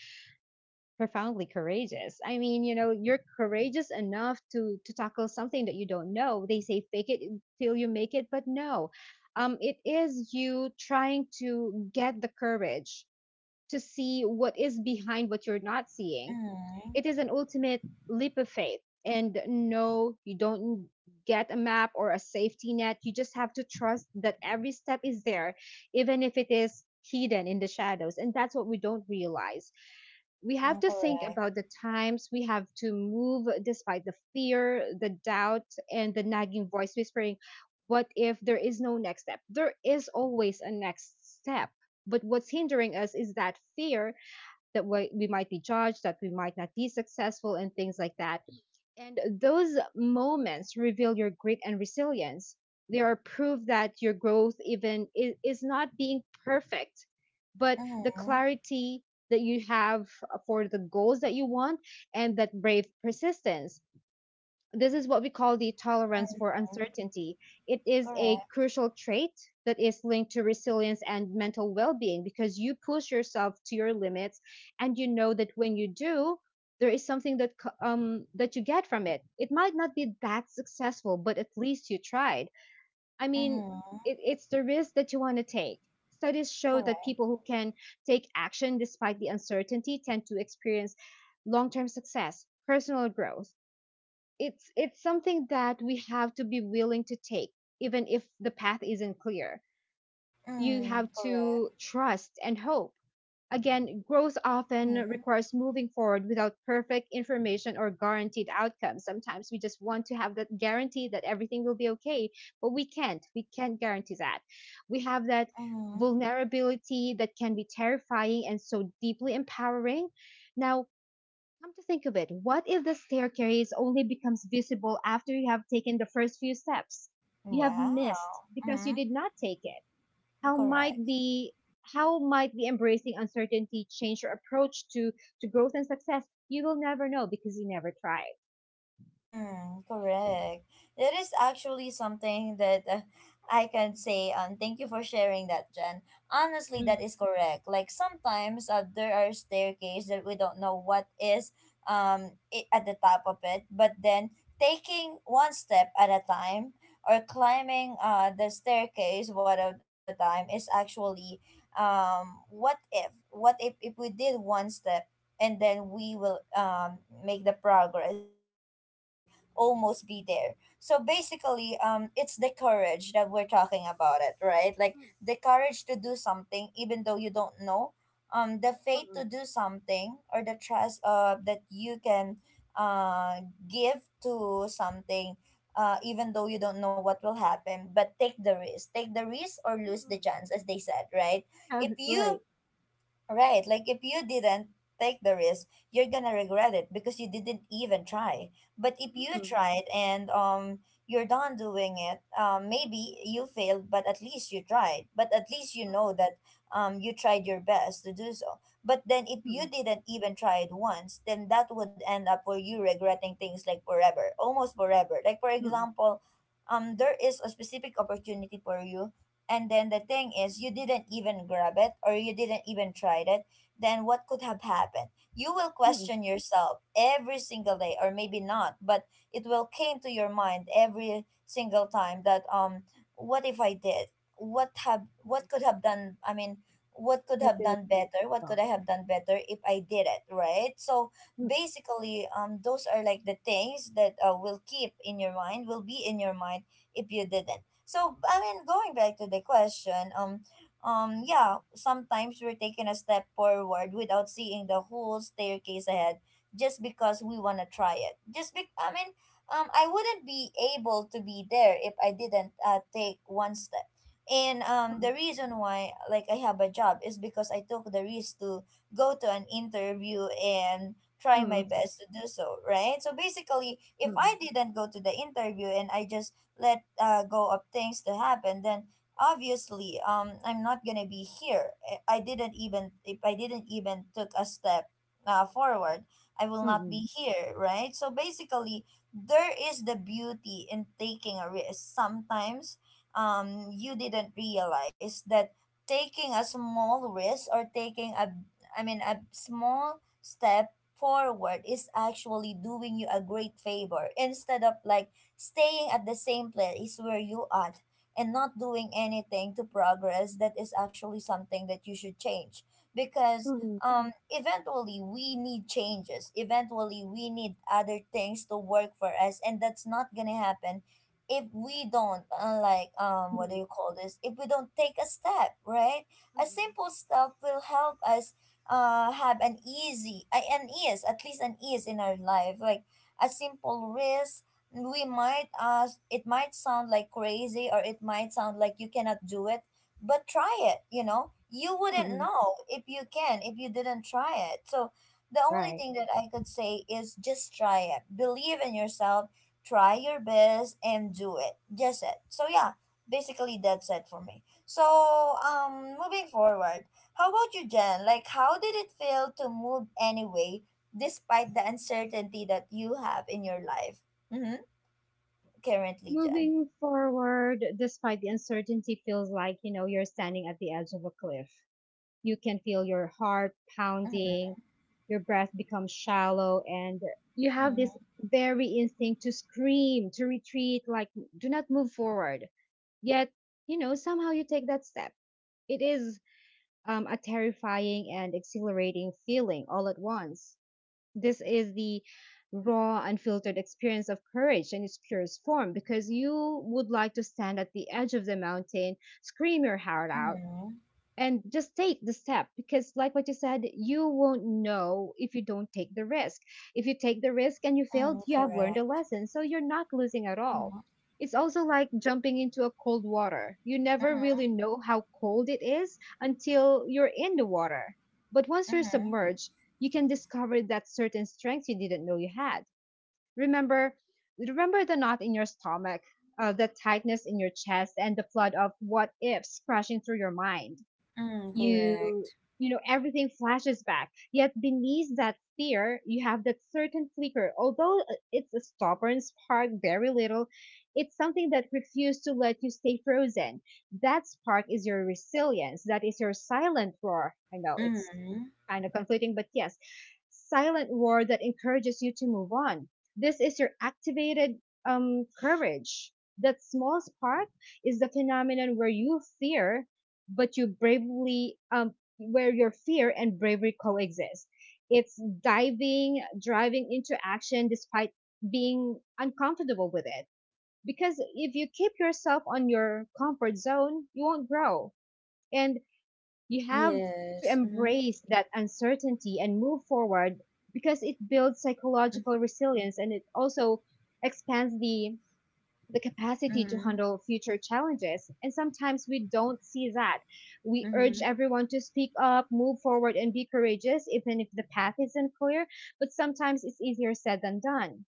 B: profoundly courageous. I mean, you know, you're courageous enough to tackle something that you don't know. They say fake it till you make it, but no, it is you trying to get the courage to see what is behind what you're not seeing.
A: Mhm.
B: It is an ultimate leap of faith. And no, you don't get a map or a safety net. You just have to trust that every step is there, even if it is hidden in the shadows. And that's what we don't realize. We have
A: Mm,
B: to think
A: correct.
B: about the times we have to move despite the fear, the doubt, and the nagging voice whispering, what if there is no next step? There is always a next step. But what's hindering us is that fear that we might be judged, that we might not be successful, and things like that. And those moments reveal your grit and resilience. They are proof that your growth even is not being perfect, but the
A: Mhm.
B: clarity that you have for the goals that you want and that brave persistence — this is what we call the tolerance
A: Mm,
B: for uncertainty. It is a
A: correct.
B: crucial trait that is linked to resilience and mental well being because you push yourself to your limits and you know that when you do, there is something that that you get from it. It might not be that successful, but at least you tried. I mean,
A: Mhm.
B: it's the risk that you want to take. Studies show that
A: Correct.
B: people who can take action despite the uncertainty tend to experience long term success, personal growth. It's something that we have to be willing to take even if the path isn't clear. You
A: Mm,
B: have
A: correct.
B: to trust and hope. Again, growth often
A: Mhm.
B: requires moving forward without perfect information or guaranteed outcomes. Sometimes we just want to have that guarantee that everything will be okay, but we can't guarantee that. We have that
A: Mhm.
B: vulnerability that can be terrifying and so deeply empowering. Now, come to think of it, what if the staircase only becomes visible after you have taken the first few steps? You have missed
A: Wow.
B: because you
A: Mhm.
B: did not take it. How might
A: Correct.
B: the how might the embracing uncertainty change your approach to growth and success? You will never know because you never tried.
A: Mm, correct. That is actually something that I can say. Thank you for sharing that, Jen. Honestly,
B: Mm,
A: that is correct. Like sometimes there are staircase that we don't know what is at the top of it, but then taking one step at a time, or climbing the staircase one at a time, is actually what if, what if we did one step and then we will make the progress, or we will be like almost be there. So basically, it's the courage that we're talking about it, right? Like
B: mm,
A: the courage to do something even though you don't know, the faith
B: mm,
A: to do something, or the trust that you can uh give to something, even though you don't know what will happen, but take the risk. Take the risk or lose the
B: mm,
A: chance, as they said, right? If
B: mm. [laughs]
A: you
B: Right.
A: Right. Like if you didn't take the risk, you're gonna regret it because you didn't even try. But if you
B: Mm,
A: tried and you're done doing it, maybe you failed, but at least you tried. But at least you
B: right.
A: know that you tried your best to do so. But then if you
B: Mm,
A: didn't even try it once, then that would end up for you regretting things like forever, almost forever. Like for
B: mm, mm, mm.
A: example, there is a specific opportunity for you, and then the thing is you didn't even grab it, or you didn't even try it. Then what could have happened? You will question yourself every single day, or maybe not, but it will came to your mind every single time that what if I did, what have what could have done, I mean, what could
B: What
A: have
B: did I
A: done
B: do
A: better, what could
B: wrong?
A: I have done better if I did it, right? So
B: Mm,
A: basically, those are like the things that will be in your mind if you didn't. So I mean, going back to the question, yeah, sometimes we're taking a step forward without seeing the whole staircase ahead, just because we wanna try it. Just be, I mean, I wouldn't be able to be there if I didn't take one step. And
B: mm,
A: the reason why like I have a job is because I took the risk to go to an interview and try my
B: mm,
A: best to do so, right? So basically,
B: mm,
A: if
B: mm,
A: I didn't go to the interview and I just let go of things to happen, then obviously I'm not gonna be here. I didn't even, if I didn't even took a step forward, I will not
B: mm,
A: be here, right? So basically, there is the beauty in taking a risk. Sometimes you didn't realize that taking a small risk or taking a a small step forward is actually doing you a great favor instead of like staying at the same place where you are and not doing anything to progress. That is actually something that you should change because eventually we need changes, eventually we need other things to work for us, and that's not gonna happen if we don't like
B: mm,
A: what do
B: mm,
A: you call this, if we don't take a step, right? A simple step will help us have an easy an ease, at least an ease in our life. Like a simple risk, we might it might sound like crazy, or it might sound like you cannot do it, but try it, you know, you
B: mm,
A: wouldn't
B: mm.
A: know if you can if you didn't try it. So the only
B: Right.
A: thing that I could say is just try it, believe in yourself, try your best and do it, just it, so yeah. Basically that's it for me. So moving forward, how about you, Jen? Like how did it feel to move anyway despite the uncertainty that you have in your life Mm-hmm currently, Jen.
B: Moving forward, despite the uncertainty, feels like, you know, you're standing at the edge of a cliff. You can feel your heart
A: Mm-hmm,
B: pounding, your breath becomes shallow, and you have this
A: mm-hmm,
B: very instinct to scream, to retreat, like do not move forward. Yet, you know, somehow you take that step. It is a terrifying and exhilarating feeling all at once. This is the raw, unfiltered experience of courage in its purest form, because you would like to stand at the edge of the mountain, scream your heart out,
A: mm-hmm,
B: and just take the step, because like what you said, you won't know if you don't take the risk. If you take the risk and you failed,
A: mm-hmm,
B: you have learned a
A: correct.
B: lesson, so you're not losing at all.
A: Mm-hmm,
B: It's also like jumping into a cold water. You never
A: mm-hmm,
B: really know how cold it is until you're in the water, but once you're
A: mm-hmm,
B: submerged, you can discover that certain strength you didn't know you had. remember Remember the knot in your stomach, the tightness in your chest, and the flood of what ifs crashing through your mind.
A: mm,
B: you
A: correct.
B: you know, everything flashes back, yet beneath that fear you have that certain flicker, although it's a stubborn spark, very little. It's something that refuses to let you stay frozen. That spark is your resilience. That is your silent roar. I know it's
A: Mm-hmm,
B: kind of conflicting, but yes, silent roar that encourages you to move on. This is your activated courage. That small spark is the phenomenon where you fear but you bravely where your fear and bravery coexist. It's diving, driving into action despite being uncomfortable with it. Because if you keep yourself on your comfort zone, you won't grow. And you have to
A: yes. Mm-hmm,
B: embrace that uncertainty and move forward, because it builds psychological resilience and it also expands the capacity to
A: mm-hmm,
B: handle future challenges. And sometimes we don't see that. We urge
A: mm-hmm,
B: everyone to speak up, move forward, and be courageous, even if the path isn't clear. But sometimes it's easier said than done.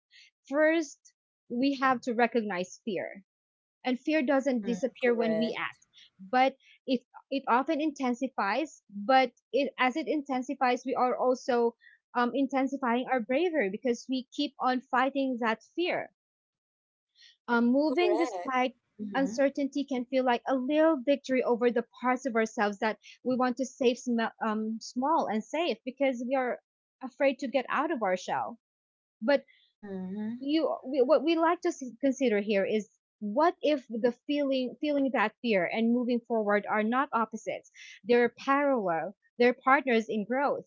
B: First, we have to recognize fear. And fear doesn't
A: mm,
B: disappear when we
A: correct.
B: act, but it it often intensifies. But as it intensifies, we are also intensifying our bravery because we keep on fighting that fear. Um, moving
A: Correct.
B: despite
A: Mm-hmm,
B: uncertainty can feel like a little victory over the parts of ourselves that we want to save small and safe, because we are afraid to get out of our shell. But
A: mm-hmm,
B: what we like to consider here is, what if the feeling that fear and moving forward are not opposites? They're parallel. They're partners in growth.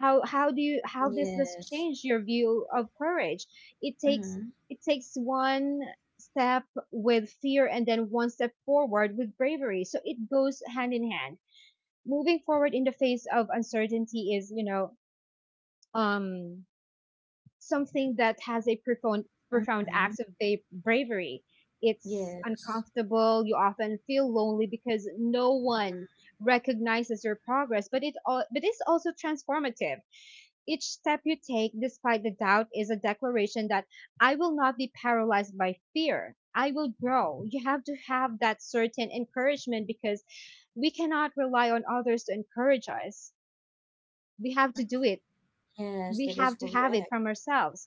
B: How does this
A: yes.
B: change your view of courage? It takes —
A: Mm-hmm,
B: it takes one step with fear and then one step forward with bravery, so it goes hand in hand. Moving forward in the face of uncertainty is, you know, um something that has a profound
A: mm-hmm,
B: act of bravery. It's
A: yes.
B: uncomfortable. You often feel lonely because no one recognizes your progress, but it all but it's also transformative. Each step you take, despite the doubt, is a declaration that I will not be paralyzed by fear. I will grow. You have to have that certain encouragement because we cannot rely on others to encourage us. We have to
A: Mm-hmm,
B: do it.
A: yes,
B: We
A: that is
B: have to have it
A: correct.
B: from ourselves.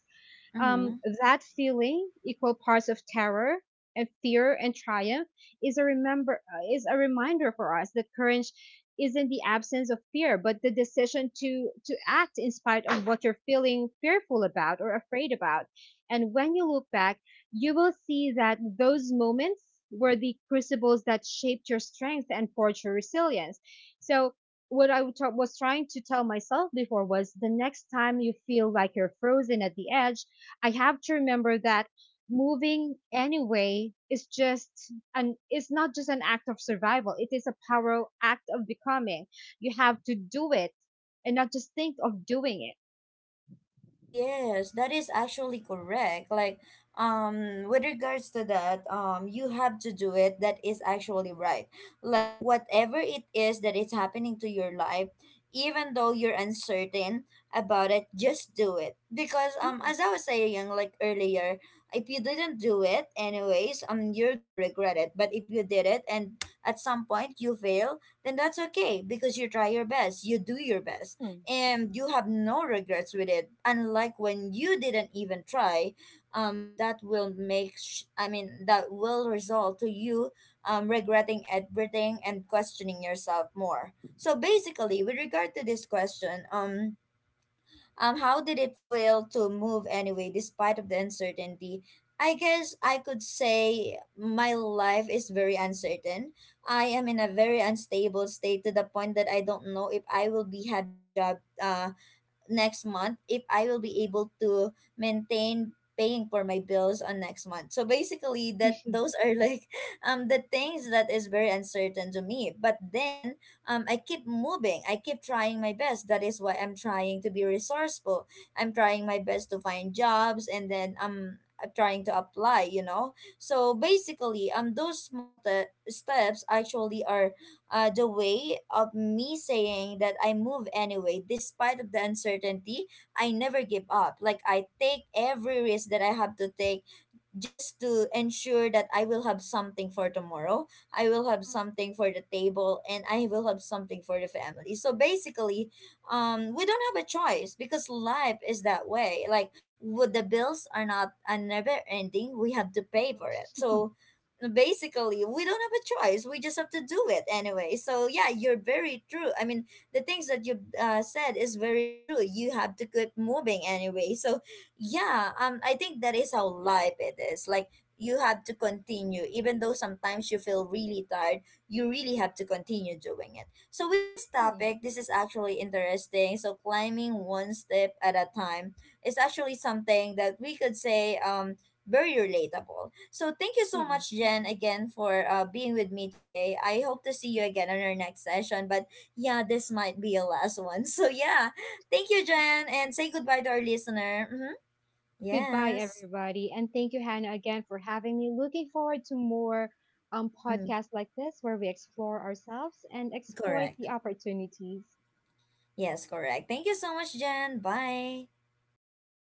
A: Mm-hmm.
B: Um, that feeling, equal parts of terror and fear and triumph, is a remember is a reminder for us that courage isn't the absence of fear, but the decision to act in spite of what you're feeling fearful about or afraid about. And when you look back, you will see that those moments were the crucibles that shaped your strength and forged your resilience. So what I was trying to tell myself before was, the next time you feel like you're frozen at the edge, I have to remember that moving anyway is just an it's not just an act of survival. It is a power act of becoming. You have to do it and not just think of doing it.
A: Yes, that is actually correct. Like, with regards to that, you have to do it. That is actually right. Like, whatever it is that is happening to your life, even though you're uncertain about it, just do it. Because,
B: Mm,
A: as I was saying, like earlier, if you didn't do it anyways, you're gonna regret it. But if you did it and at some point you fail, then that's okay because you try your best, you do your best and you have no regrets with it, unlike when you didn't even try. That will make sh- I mean that will result to you regretting everything and questioning yourself more. So basically, with regard to this question, how did it feel to move anyway despite of the uncertainty? I guess I could say my life is very uncertain. I am in a very unstable state to the point that I don't know if I will be having a job next month, if I will be able to maintain paying for my bills on next month. So basically, that,
B: [laughs]
A: those are like [laughs] the things that is very uncertain to me. But then I keep moving. I keep trying my best. That is why I'm trying to be resourceful. I'm trying my best to find jobs and then I'm I trying to apply, you know. So basically those small steps actually are the way of me saying that I move anyway, despite of the uncertainty. I never give up. Like I take every risk that I have to take just to ensure that I will have something for tomorrow, I will have something for the table, and I will have something for the family. So basically, we don't have a choice because life is that way. Like, with the bills are not are never ending. We have to pay for it. So basically we don't have a choice, we just have to do it anyway, so yeah, you're very true. I mean, the things that you said is very true. You have to keep moving anyway. So yeah, I think that is how life it is. Like you have to continue, even though sometimes you feel really tired, you really have to continue doing it. So with this
B: mm,
A: topic, this is actually interesting. So climbing one step at a time is actually something that we could say very relatable. So thank you so
B: mm.
A: much, Jen, again for being with me today. I hope to see you again on our next session. But yeah, this might be a last one. [laughs] So yeah, thank you, Jen, and say goodbye to our listener. Mhm.
B: Goodbye,
A: Yes.
B: everybody, and thank you, Hannah, again for having me. Looking forward to more
A: Mm,
B: podcasts like this where we explore ourselves and exploit
A: correct.
B: the opportunities.
A: Yes, correct. Thank you so much, Jen. Bye.
B: Bye.